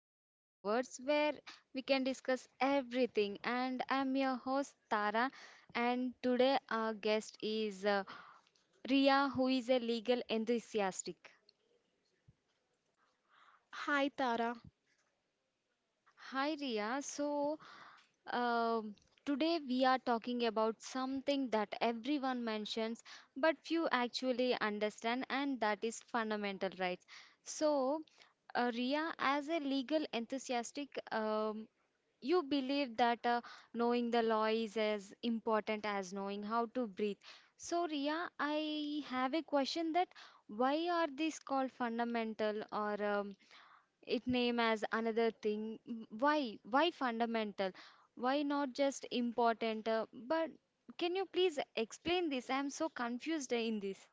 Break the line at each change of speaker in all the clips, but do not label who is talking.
Canvas of Words, where we can discuss everything. And I'm your host, Tara. And today, our guest is Ria, who is a legal enthusiastic.
Hi Tara.
Hi, Ria. Um today we are talking about something that everyone mentions, but few actually understand, and that is fundamental rights. So, Ria, as a legal enthusiastic, you believe that knowing the law is as important as knowing how to breathe. So, Ria, I have a question that why are these called fundamental or it name as another thing? Why? Why fundamental? Why not just important? But can you please explain this? I'm so confused in this.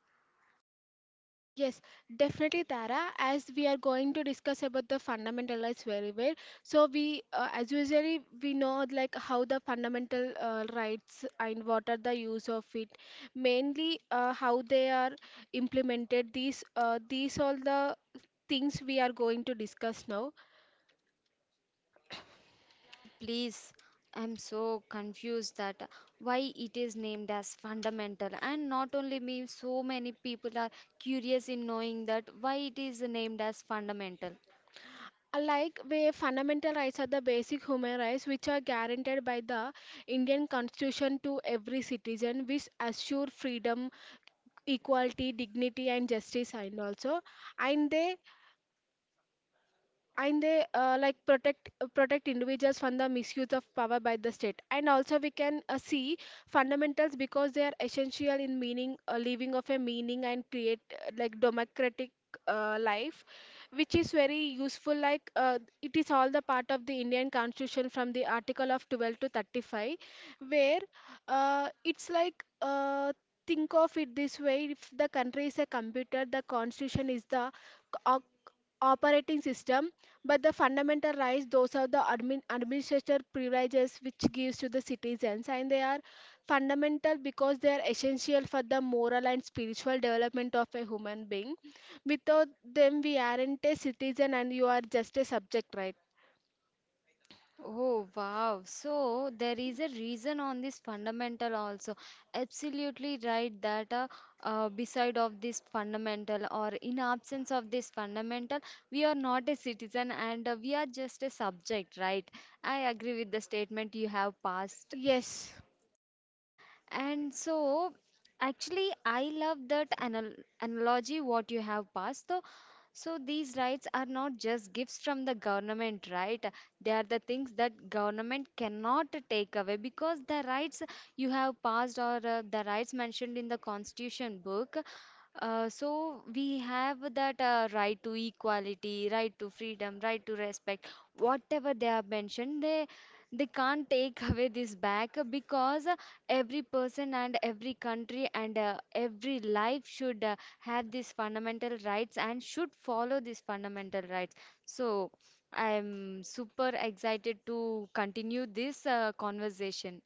Yes, definitely Tara. As we are going to discuss about the fundamentalist very well, so we, as usually, we know like how the fundamental rights and what are the use of it. Mainly, how they are implemented. These all the things we are going to discuss now.
Yeah, please. I'm so confused that why it is named as fundamental. And not only me, so many people are curious in knowing that why it is named as fundamental.
Like where fundamental rights are the basic human rights which are guaranteed by the Indian constitution to every citizen, which assure freedom, equality, dignity and justice, and also and they and they like protect individuals from the misuse of power by the state. And also we can see fundamentals because they are essential in meaning living of a meaning and create like democratic life, which is very useful. Like it is all the part of the indian constitution, from the article of 12 to 35, where it's like think of it this way: if the country is a computer, the constitution is the c- o- operating system, but the fundamental rights, those are the administrative privileges which gives to the citizens, and they are fundamental because they are essential for the moral and spiritual development of a human being. Without them, we aren't a citizen, and you are just a subject, right?
Oh, wow. So there is a reason on this fundamental also. Absolutely right that beside of this fundamental or in absence of this fundamental, we are not a citizen and we are just a subject, right? I agree with the statement you have passed.
Yes.
And so, actually, I love that analogy what you have passed. So, so these rights are not just gifts from the government, right? They are the things that government cannot take away because the rights you have passed or the rights mentioned in the constitution book, so we have that right to equality, right to freedom, right to respect. Whatever they have mentioned, they can't take away this back because every person and every country and every life should have these fundamental rights and should follow these fundamental rights. So I'm super excited to continue this conversation.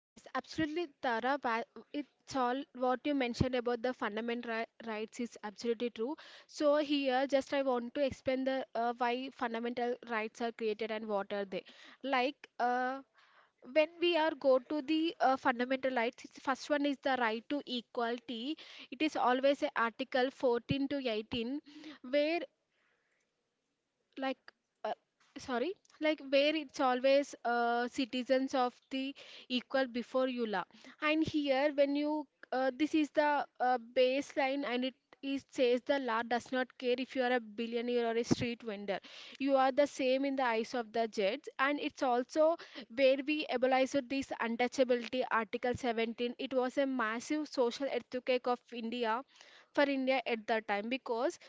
Yes, absolutely, Tara. It's all what you mentioned about the fundamental rights is absolutely true. So here, just I want to explain the why fundamental rights are created and what are they. Like when we are go to the fundamental rights, it's, first one is the right to equality. It is always a Article 14 to 18, where like uh, sorry like where it's always citizens of the equal before you law. And here when you this is the baseline, and it says the law does not care if you are a billionaire or a street vendor, you are the same in the eyes of the judge. And it's also where we abolished this untouchability, article 17. It was a massive social earthquake of india, for india at that time, because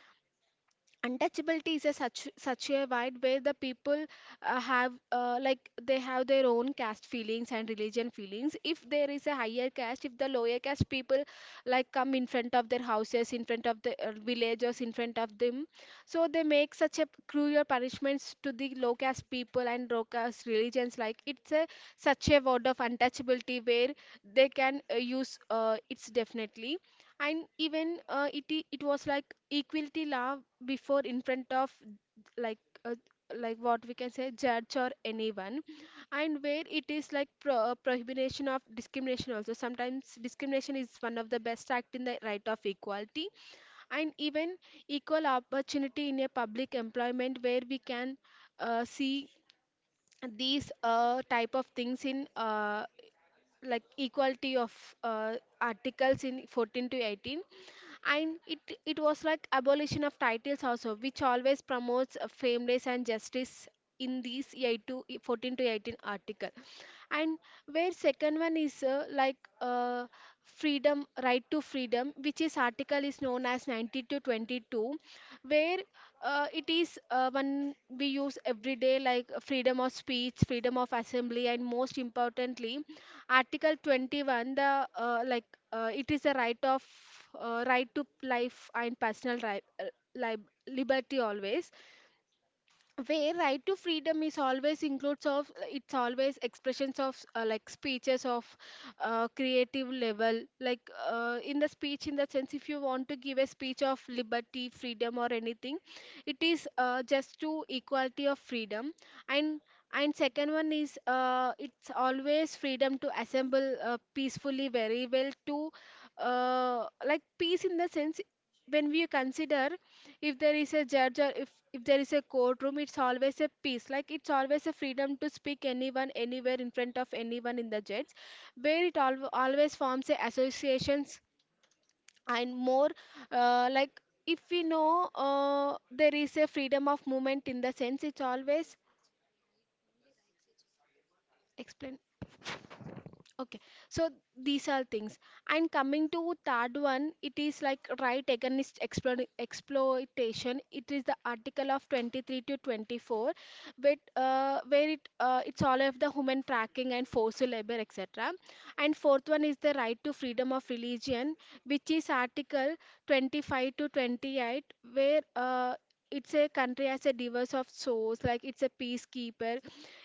untouchability is a such a wide where the people have like they have their own caste feelings and religion feelings. If there is a higher caste, if the lower caste people like come in front of their houses, in front of the villagers, in front of them, so they make such a cruel punishments to the low caste people and low caste religions. Like it's a such a word of untouchability where they can use it's definitely. And even it was like equality law, before in front of, like uh, like what we can say judge or anyone. And where it is like prohibition of discrimination also. Sometimes discrimination is one of the best act in the right of equality. And even equal opportunity in a public employment, where we can see these type of things in like equality of uh, articles in 14 to 18. And it was like abolition of titles also, which always promotes fairness and justice in these 8 to 14 to 18 article. And where second one is freedom, right to freedom, which is article is known as 90 to 22, where it is one we use every day, like freedom of speech, freedom of assembly, and most importantly article 21, the it is a right of right to life and personal liberty always. Where right to freedom is always includes of it's always expressions of like speeches of creative level, like in the speech, in the sense, if you want to give a speech of liberty, freedom or anything, it is just to equality of freedom. And and second one is it's always freedom to assemble peacefully very well, to like peace in the sense, when we consider, if there is a judge, or if there is a courtroom, it's always a peace, like it's always a freedom to speak anyone anywhere, in front of anyone, in the judge. Where it always forms a associations, and more like if we know there is a freedom of movement, in the sense it's always explain. Okay, so these are things. And coming to third one, it is like right against exploitation. It is the article of 23 to 24, but where it's all of the human tracking and forced labor, etc. And fourth one is the right to freedom of religion, which is article 25 to 28, where it's a country as a diverse of souls, like it's a peacekeeper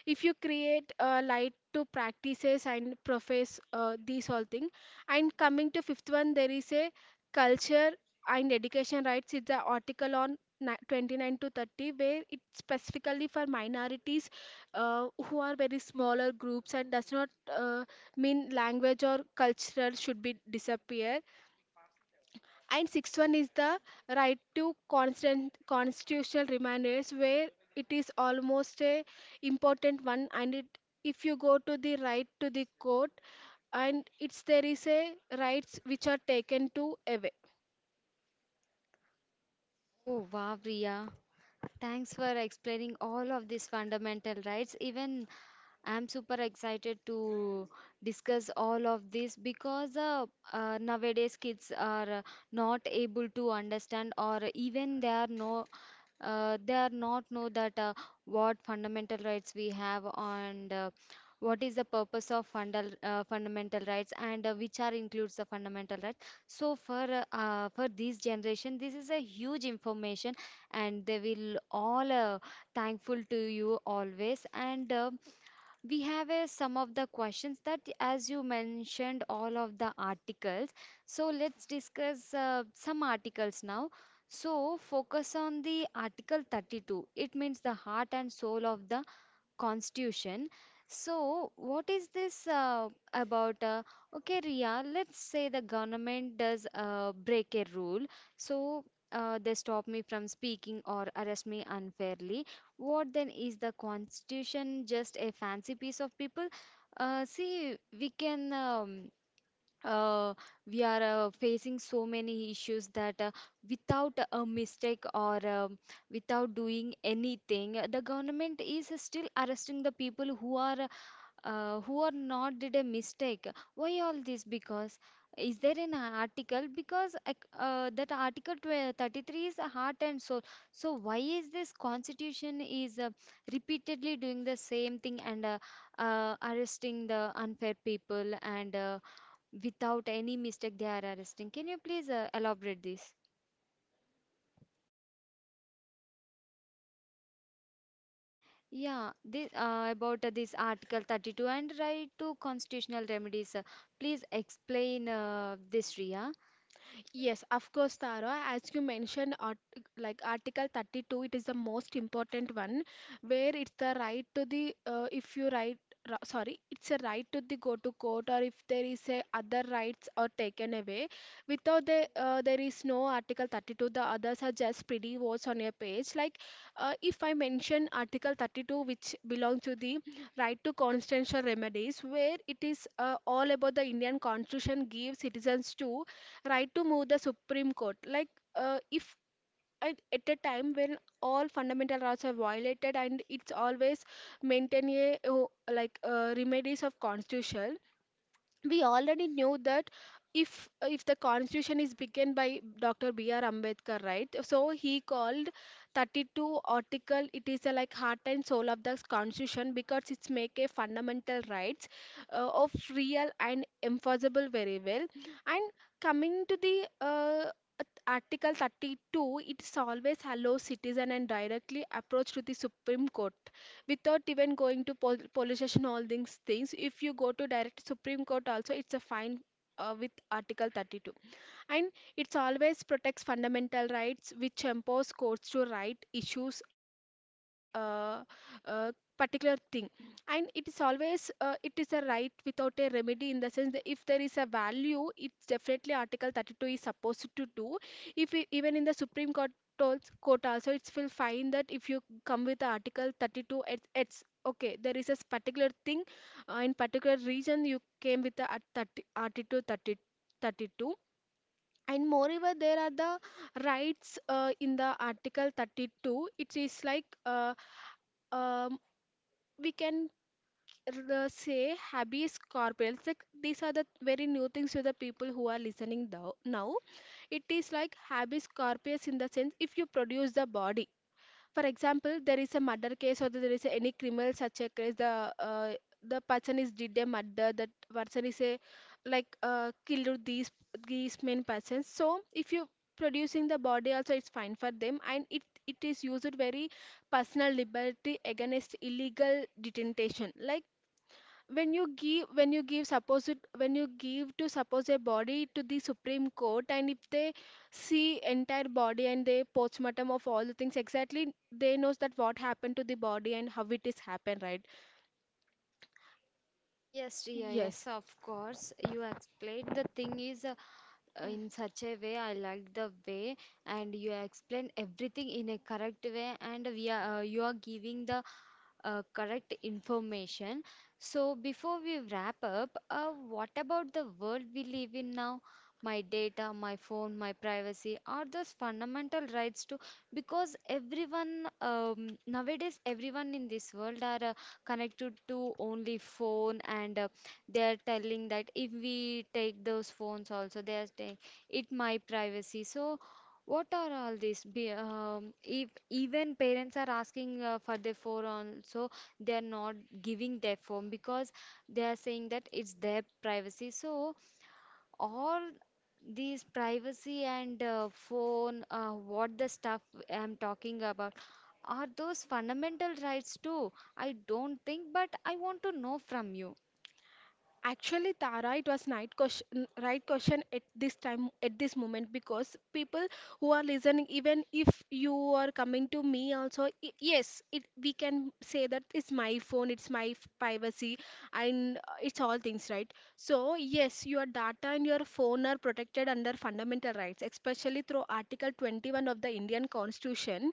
if you create a light to practices and profess these all thing. And coming to fifth one, there is a culture and education rights. It's the article on 29 to 30, where it's specifically for minorities who are very smaller groups and does not uh, mean language or cultural should be disappear. And sixth one is the right to constant constitutional reminders, where it is almost a important one. And it, if you go to the right to the court, and it's there is a rights which are taken to away.
Oh, wow, Priya. Thanks for explaining all of these fundamental rights. Even I'm super excited to discuss all of this because nowadays kids are not able to understand or even they are they are not know that what fundamental rights we have and what is the purpose of fundamental rights and which are includes the fundamental rights, so for this generation this is a huge information and they will all thankful to you always and we have some of the questions that as you mentioned all of the articles, so let's discuss some articles now. So focus on the article 32. It means the heart and soul of the constitution. So, what is this about? Okay, Ria, let's say the government does break a rule. So, they stop me from speaking or arrest me unfairly. What then is the constitution, just a fancy piece of people? See, we can. Uh, we are facing so many issues that without a mistake or without doing anything, the government is still arresting the people who are not did a mistake. Why all this? Because is there an article, because that article 12 33 is a heart and soul, so why is this constitution is repeatedly doing the same thing and arresting the unfair people and without any mistake they are arresting? Can you please elaborate this? Yeah, this about this Article 32 and right to constitutional remedies. Please explain this, Ria.
Yes, of course, Tara. As you mentioned, like Article 32, it is the most important one, where it's the right to the, if you right, ra- sorry, it's a right to the go to court, or if there is a other rights are taken away. Without the, there is no Article 32. The others are just pretty words on your page. Like, if I mention Article 32, which belongs to the right to constitutional remedies, where it is all about the Indian Constitution gives citizens to right to move the Supreme Court. Like, if at a time when all fundamental rights are violated, and it's always maintain a oh, like remedies of constitution. We already knew that, if the constitution is begun by Dr. BR Ambedkar, right? So he called 32 article, it is a like heart and soul of the constitution because it's make a fundamental rights of real and enforceable very well. And coming to the uh, Article 32, it always allows citizen and directly approach to the Supreme Court without even going to police station, all these things. If you go to direct Supreme Court also, it's a fine with Article 32. And it's always protects fundamental rights, which empowers courts to right issues uh, particular thing. And it is always it is a right without a remedy, in the sense that if there is a value, it's definitely article 32 is supposed to do. If even in the supreme court, court also, it's will find that if you come with the article 32, it's okay, there is a particular thing in particular region, you came with the 30 32. And moreover, there are the rights in the Article 32. It is like um, we can say habeas corpus. Like these are the very new things to the people who are listening now. It is like habeas corpus, in the sense if you produce the body. For example, there is a murder case or there is any criminal such a case. The The person is did a murder. That person is a like killed these main persons. So if you producing the body also, it's fine for them. And it is used very personal liberty against illegal detention. Like when you give, when you give suppose it when you give to suppose a body to the supreme court, and if they see entire body and they postmortem of all the things, exactly they knows that what happened to the body and how it is happened, right?
Yes, Riya,
Yes.
yes, of course. You explained the thing is in such a way. I like the way, and you explain everything in a correct way. And we are you are giving the correct information. So, before we wrap up, what about the world we live in now? My data, my phone, my privacy, are those fundamental rights to? Because everyone nowadays, everyone in this world are connected to only phone, and they are telling that if we take those phones also, they are saying it my privacy. So, what are all these? If even parents are asking for their phone also, they are not giving their phone because they are saying that it's their privacy, so all these privacy and phone, what the stuff I'm talking about, are those fundamental rights too? I don't think, but I want to know from you.
Actually, Tara, it was right question at this time, at this moment, because people who are listening, even if you are coming to me also, yes, it we can say that it's my phone, it's my privacy, and it's all things, right? So yes, your data and your phone are protected under fundamental rights, especially through Article 21 of the Indian Constitution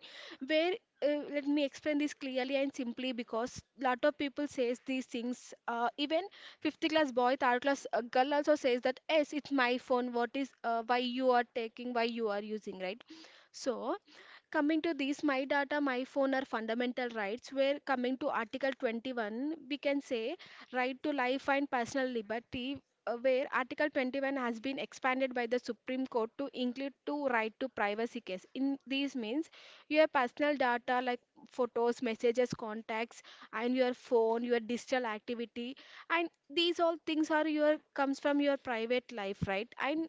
where let me explain this clearly and simply because lot of people says these things, even fifth class boy third class girl also says that yes, it's my phone, what is why you are taking, why you are using, right? So coming to these, my data my phone are fundamental rights, where coming to article 21 we can say right to life and personal liberty. Where article 21 has been expanded by the supreme court to include to right to privacy case, in these means your personal data like photos, messages, contacts, and your phone, your digital activity, and these all things are your comes from your private life, right? And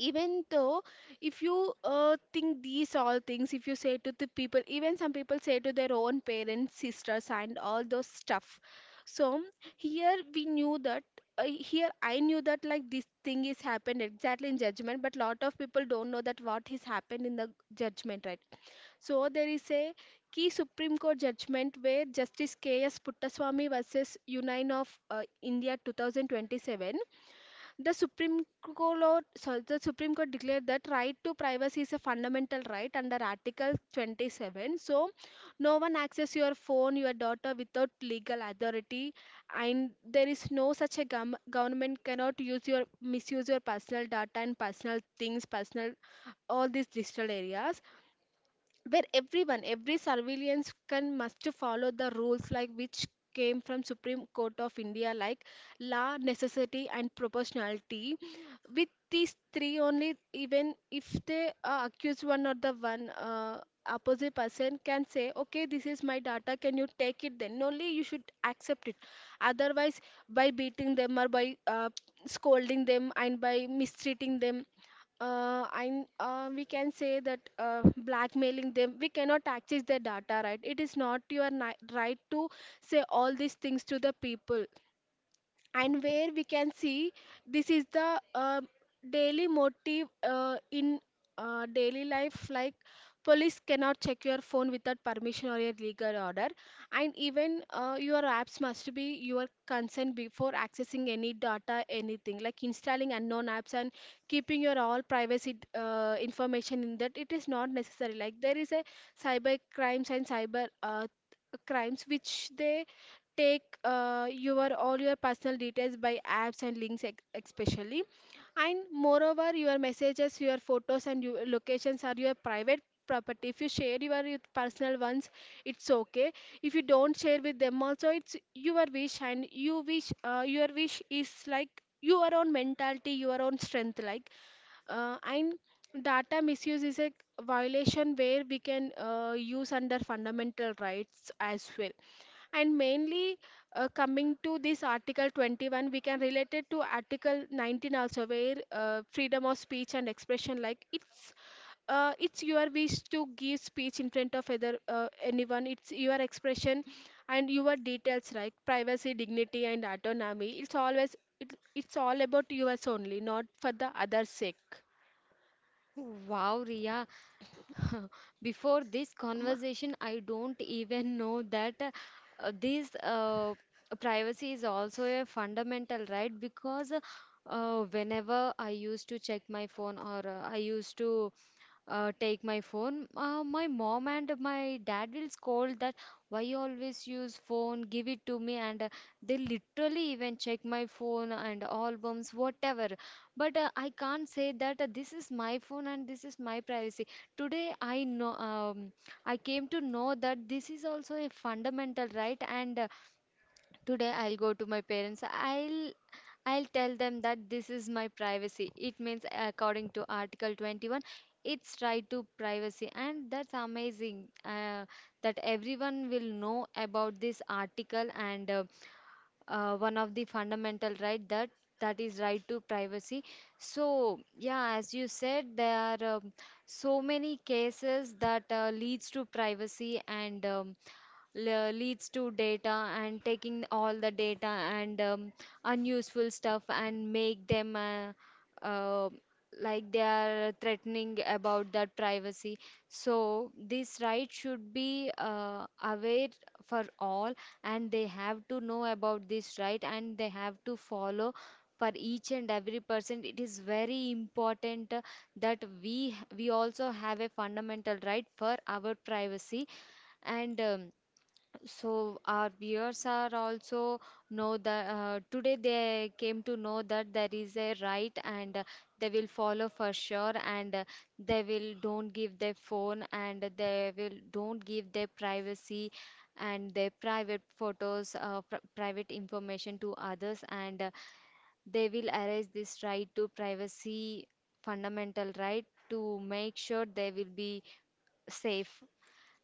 even though if you think these all things, if you say to the people, even some people say to their own parents, sisters, and all those stuff. So here we knew that, here I knew that like this thing is happened exactly in judgment, but lot of people don't know that what is happened in the judgment, right? So there is a key Supreme Court judgment where Justice K.S. Puttaswamy versus Union of India 2027. The Supreme Court, so the Supreme Court declared that right to privacy is a fundamental right under Article 27. So no one access your phone, your daughter without legal authority, and there is no such a government cannot use your misuse your personal data and personal things, personal all these digital areas, where everyone, every surveillance can must follow the rules like which came from Supreme Court of India like law, necessity and proportionality. With these three only, even if they accuse one or the one opposite person can say, okay, this is my data, can you take it then? Only you should accept it. Otherwise, by beating them or by scolding them and by mistreating them, we can say that blackmailing them, we cannot access their data, right? It is not your right to say all these things to the people. And where we can see this is the daily motive in daily life, like police cannot check your phone without permission or a legal order. And even your apps must be your consent before accessing any data, anything like installing unknown apps and keeping your all privacy information in that, it is not necessary. Like there is a cyber crimes and cyber crimes which they take your all your personal details by apps and links, especially. And moreover your messages, your photos and your locations are your private property. If you share your with personal ones, it's okay. If you don't share with them also, it's your wish, and you wish, your wish is like your own mentality, your own strength, like and data misuse is a violation where we can use under fundamental rights as well. And mainly, coming to this Article 21, we can relate it to Article 19 also, where freedom of speech and expression. Like it's your wish to give speech in front of other, anyone. It's your expression, and your details, like privacy, dignity, and autonomy. It's always it's all about yours only, not for the other's sake.
Wow, Ria. Before this
Um,
conversation, I don't even know that this privacy is also a fundamental right, because whenever I used to check my phone or I used to take my phone, my mom and my dad will scold that why you always use phone, give it to me, and they literally even check my phone and albums whatever. But I can't say that this is my phone and this is my privacy. Today I know, I came to know that this is also a fundamental right, and today I'll go to my parents. I'll tell them that this is my privacy. It means according to Article 21, it's right to privacy, and that's amazing that everyone will know about this article and one of the fundamental right that that is right to privacy. So yeah, as you said, there are so many cases that leads to privacy and. Leads to data and taking all the data and unuseful stuff and make them uh, like they are threatening about that privacy. So this right should be aware for all, and they have to know about this right and they have to follow. For each and every person it is very important, that we also have a fundamental right for our privacy, and so our viewers are also know that today they came to know that there is a right, and they will follow for sure, and they will don't give their phone and they will don't give their privacy and their private photos, private information to others, and they will erase this right to privacy fundamental right to make sure they will be safe.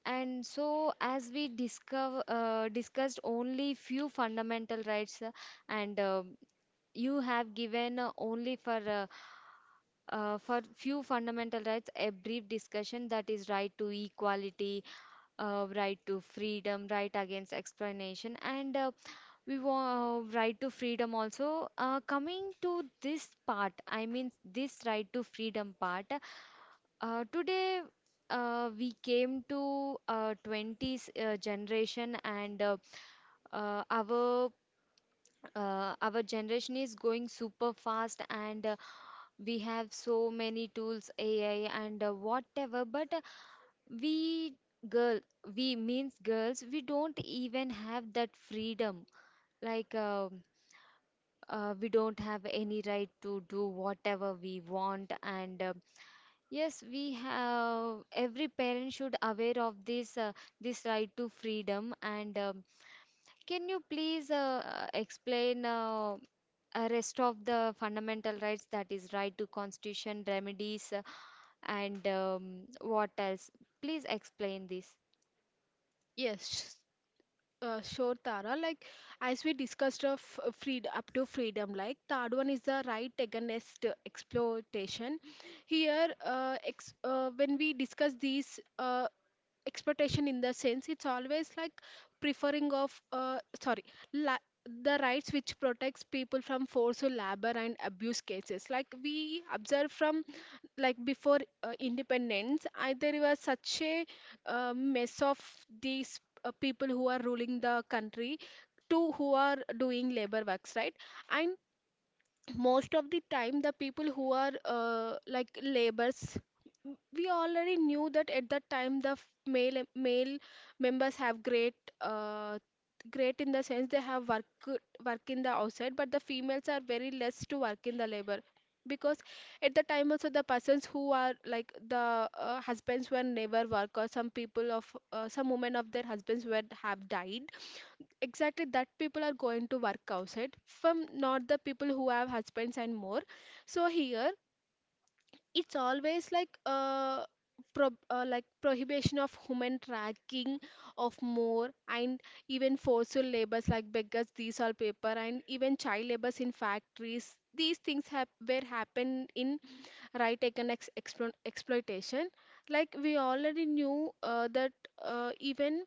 And so, as we discover, discussed only few fundamental rights, and you have given only for few fundamental rights a brief discussion, that is right to equality, right to freedom, right against explanation, and we want right to freedom also. Coming to this part, I mean this right to freedom part. Today, we came to 20s generation, and uh, our our generation is going super fast, and we have so many tools, AI and whatever. But we girl, we means girls, we don't even have that freedom. Like uh, we don't have any right to do whatever we want, and yes, we have every parent should aware of this this right to freedom. And can you please explain rest of the fundamental rights, that is right to constitution, remedies, and what else? Please explain this.
yes. Sure, Tara. Like as we discussed of freed up to freedom, like third one is the right against exploitation. Here, when we discuss these expectation, in the sense it's always like preferring of, sorry, la- the rights which protects people from forceful labor and abuse cases, like we observe from like before independence, I, there was such a mess of these people who are ruling the country to who are doing labor works, right? And most of the time the people who are like labors, we already knew that at that time the male members have great, uh, great in the sense they have work in the outside, but the females are very less to work in the labor because at the time also the persons who are like the husbands were never work, or some people of some women of their husbands were have died, exactly that people are going to work outside from, not the people who have husbands and more. So here it's always like, like prohibition of human tracking of more. And even forceful labors like beggars, these all paper, and even child labors in factories, these things have were happen in, right, economic exploitation. Like we already knew that even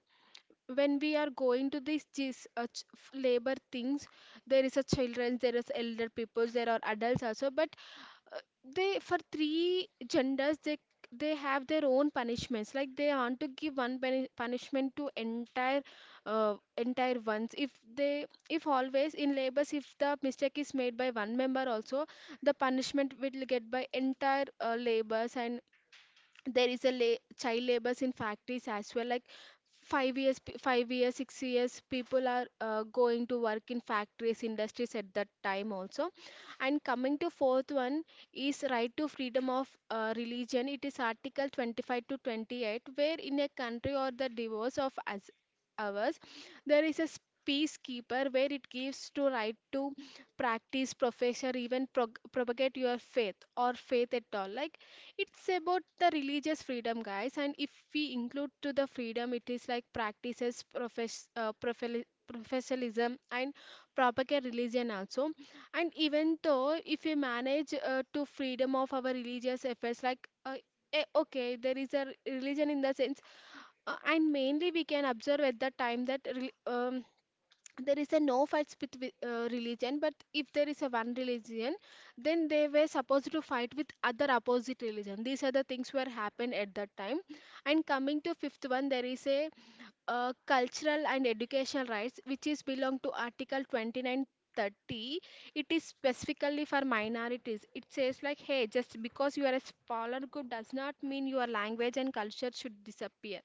when we are going to these labor things, there is a children, there is elder people, there are adults also, but uh, they for three genders, they have their own punishments, like they want to give one punishment to entire, entire ones, if they, if always in labors, if the mistake is made by one member also, the punishment will get by entire labors. And there is a child labors in factories as well, like 5 years 5 years 6 years people are going to work in factories industries at that time also. And coming to fourth one is right to freedom of religion, it is article 25 to 28, where in a country or the divorce of as ours, there is a peacekeeper where it gives to right to practice, profess, or even propagate your faith or faith at all, like it's about the religious freedom, guys. And if we include to the freedom, it is like practices, profess, professionalism, and propagate religion also. And even though if we manage to freedom of our religious affairs, like, okay, there is a religion in the sense, and mainly we can observe at the time that, there is a no fights with religion, but if there is a one religion, then they were supposed to fight with other opposite religion. These are the things were happened at that time. And coming to fifth one, there is a cultural and educational rights, which is belong to article 29 30. It is specifically for minorities. It says like, hey, just because you are a smaller group does not mean your language and culture should disappear.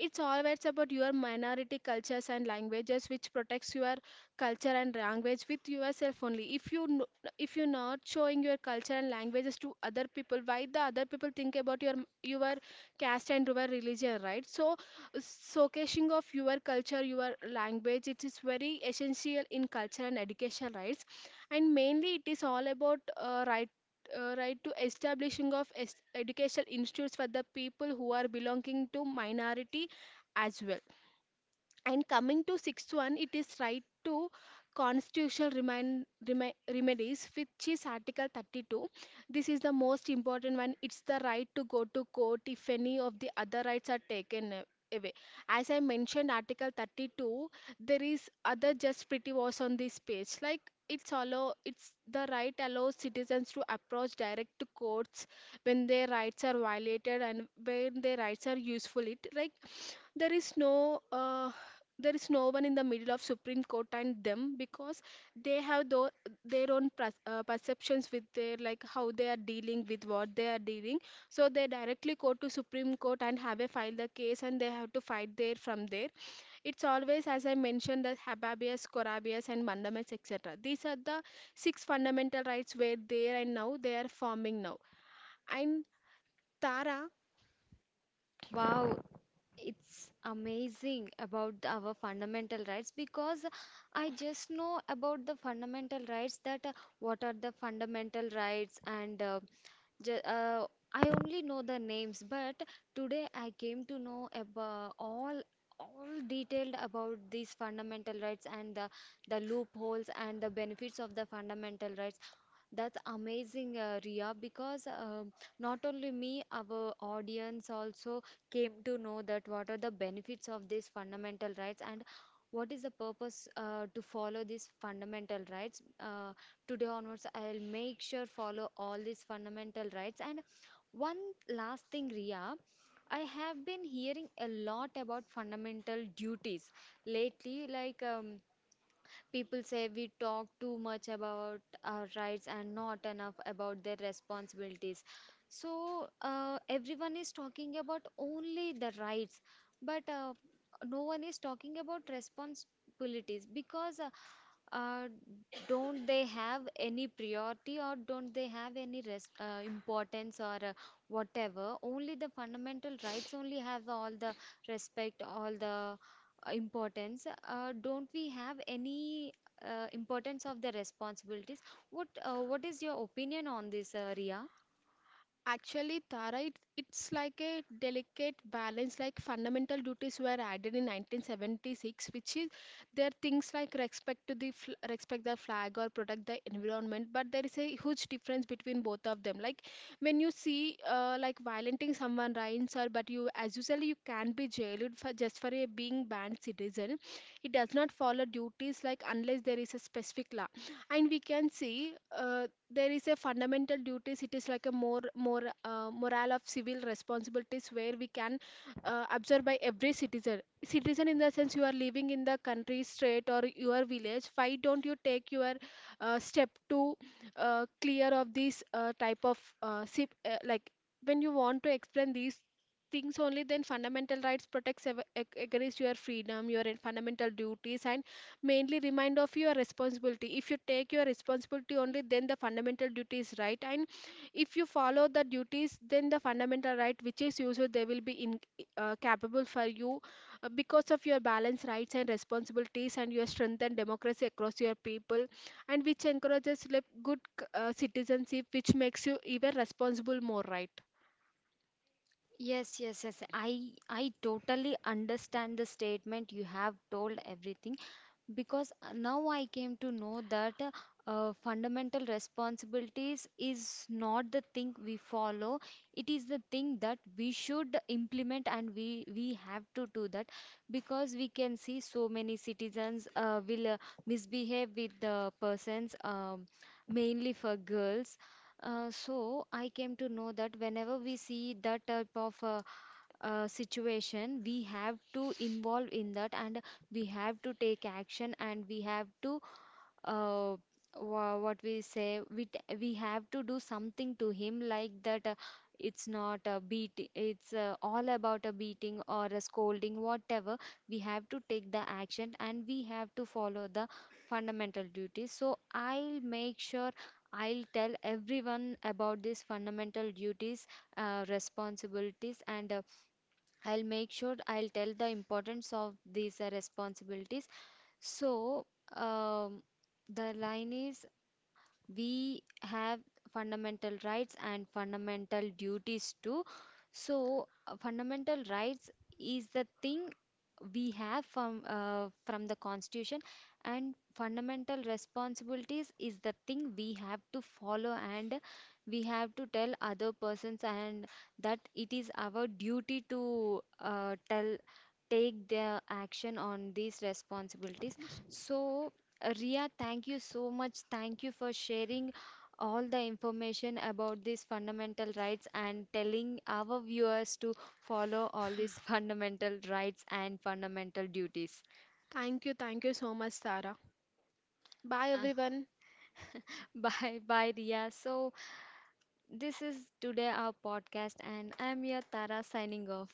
It's always about your minority cultures and languages, which protects your culture and language with yourself only. If you if you're not showing your culture and languages to other people, why the other people think about your caste and your religion, right? So showcasing of your culture, your language, it is very essential in culture and education rights. And mainly it is all about right to establishing of educational institutes for the people who are belonging to minority as well. And coming to sixth one, it is right to constitutional remedies, which is Article 32. This is the most important one. It's the right to go to court if any of the other rights are away. As I mentioned, Article 32, there is other just pretty was on this page. Like it's allow, it's the right allows citizens to approach direct to courts when their rights are violated and when their rights are useful. It like there is no, there is no one in the middle of supreme court and them, because they have tho- their own perceptions with their, like how they are dealing with what they are dealing. So they directly go to supreme court and have a file the case, and they have to fight there from there. It's always, as I mentioned, the habeas corpus and mandamus, etc. These are the six fundamental rights were there and now they are forming now. And Tara,
Wow, it's amazing about the our fundamental rights, because I just know about the fundamental rights, that what are the fundamental rights and ju- uh, I only know the names, but today I came to know about all detailed about these fundamental rights and the loopholes and the benefits of the fundamental rights. That's amazing, Riya, because not only me, our audience also came to know that what are the benefits of these fundamental rights and what is the purpose to follow these fundamental rights. Today onwards, I'll make sure follow all these fundamental rights. And one last thing, Ria, I have been hearing a lot about fundamental duties lately, like. People say we talk too much about our rights and not enough about their responsibilities. So everyone is talking about only the rights, but no one is talking about responsibilities because uh, don't they have any priority or don't they have any importance or whatever, only the fundamental rights only have all the respect, all the importance, don't we have any importance of the responsibilities? What what is your opinion on this, Ria?
actually, Tara, it's like a delicate balance. Like fundamental duties were added in 1976, which is there are things like respect to respect the flag or protect the environment. But there is a huge difference between both of them. Like when you see like violating someone rights, or but you as usually you can be jailed for just for a being banned citizen. It does not follow duties like, unless there is a specific law, and we can see. There is a fundamental duties, it is like a more morale of civil responsibilities, where we can observe by every citizen, in the sense you are living in the country, state or your village, why don't you take your step to clear of this type of like when you want to explain these things, only then fundamental rights protects against your freedom, your fundamental duties. And mainly remind of your responsibility. If you take your responsibility, only then the fundamental duty is right. And if you follow the duties, then the fundamental right which is usual, they will be in capable for you, because of your balanced rights and responsibilities and your strength and democracy across your people. And which encourages like good citizenship, which makes you even responsible more, right?
Yes, yes, yes, I totally understand the statement you have told everything, because now I came to know that fundamental responsibilities is not the thing we follow. It is the thing that we should implement and we have to do that, because we can see so many citizens will misbehave with the persons, mainly for girls. So I came to know that whenever we see that type of situation, we have to involve in that and we have to take action and we have to uh, what we say, we have to do something to him like that. It's not a beat, it's all about a beating or a scolding whatever, we have to take the action and we have to follow the fundamental duties. So I'll make sure I'll tell everyone about these fundamental duties, responsibilities, and I'll make sure I'll tell the importance of these responsibilities. So, um, the line is we have fundamental rights and fundamental duties too, so fundamental rights is the thing we have from the constitution, and fundamental responsibilities is the thing we have to follow and we have to tell other persons, and that it is our duty to tell take their action on these responsibilities. So, Ria, thank you so much. Thank you for sharing all the information about these fundamental rights and telling our viewers to follow all these fundamental rights and fundamental duties.
Thank you, thank you so much, Sarah. Bye,
Yeah.
everyone.
Bye bye, Ria. So, this is today our podcast, and I'm your Tara signing off.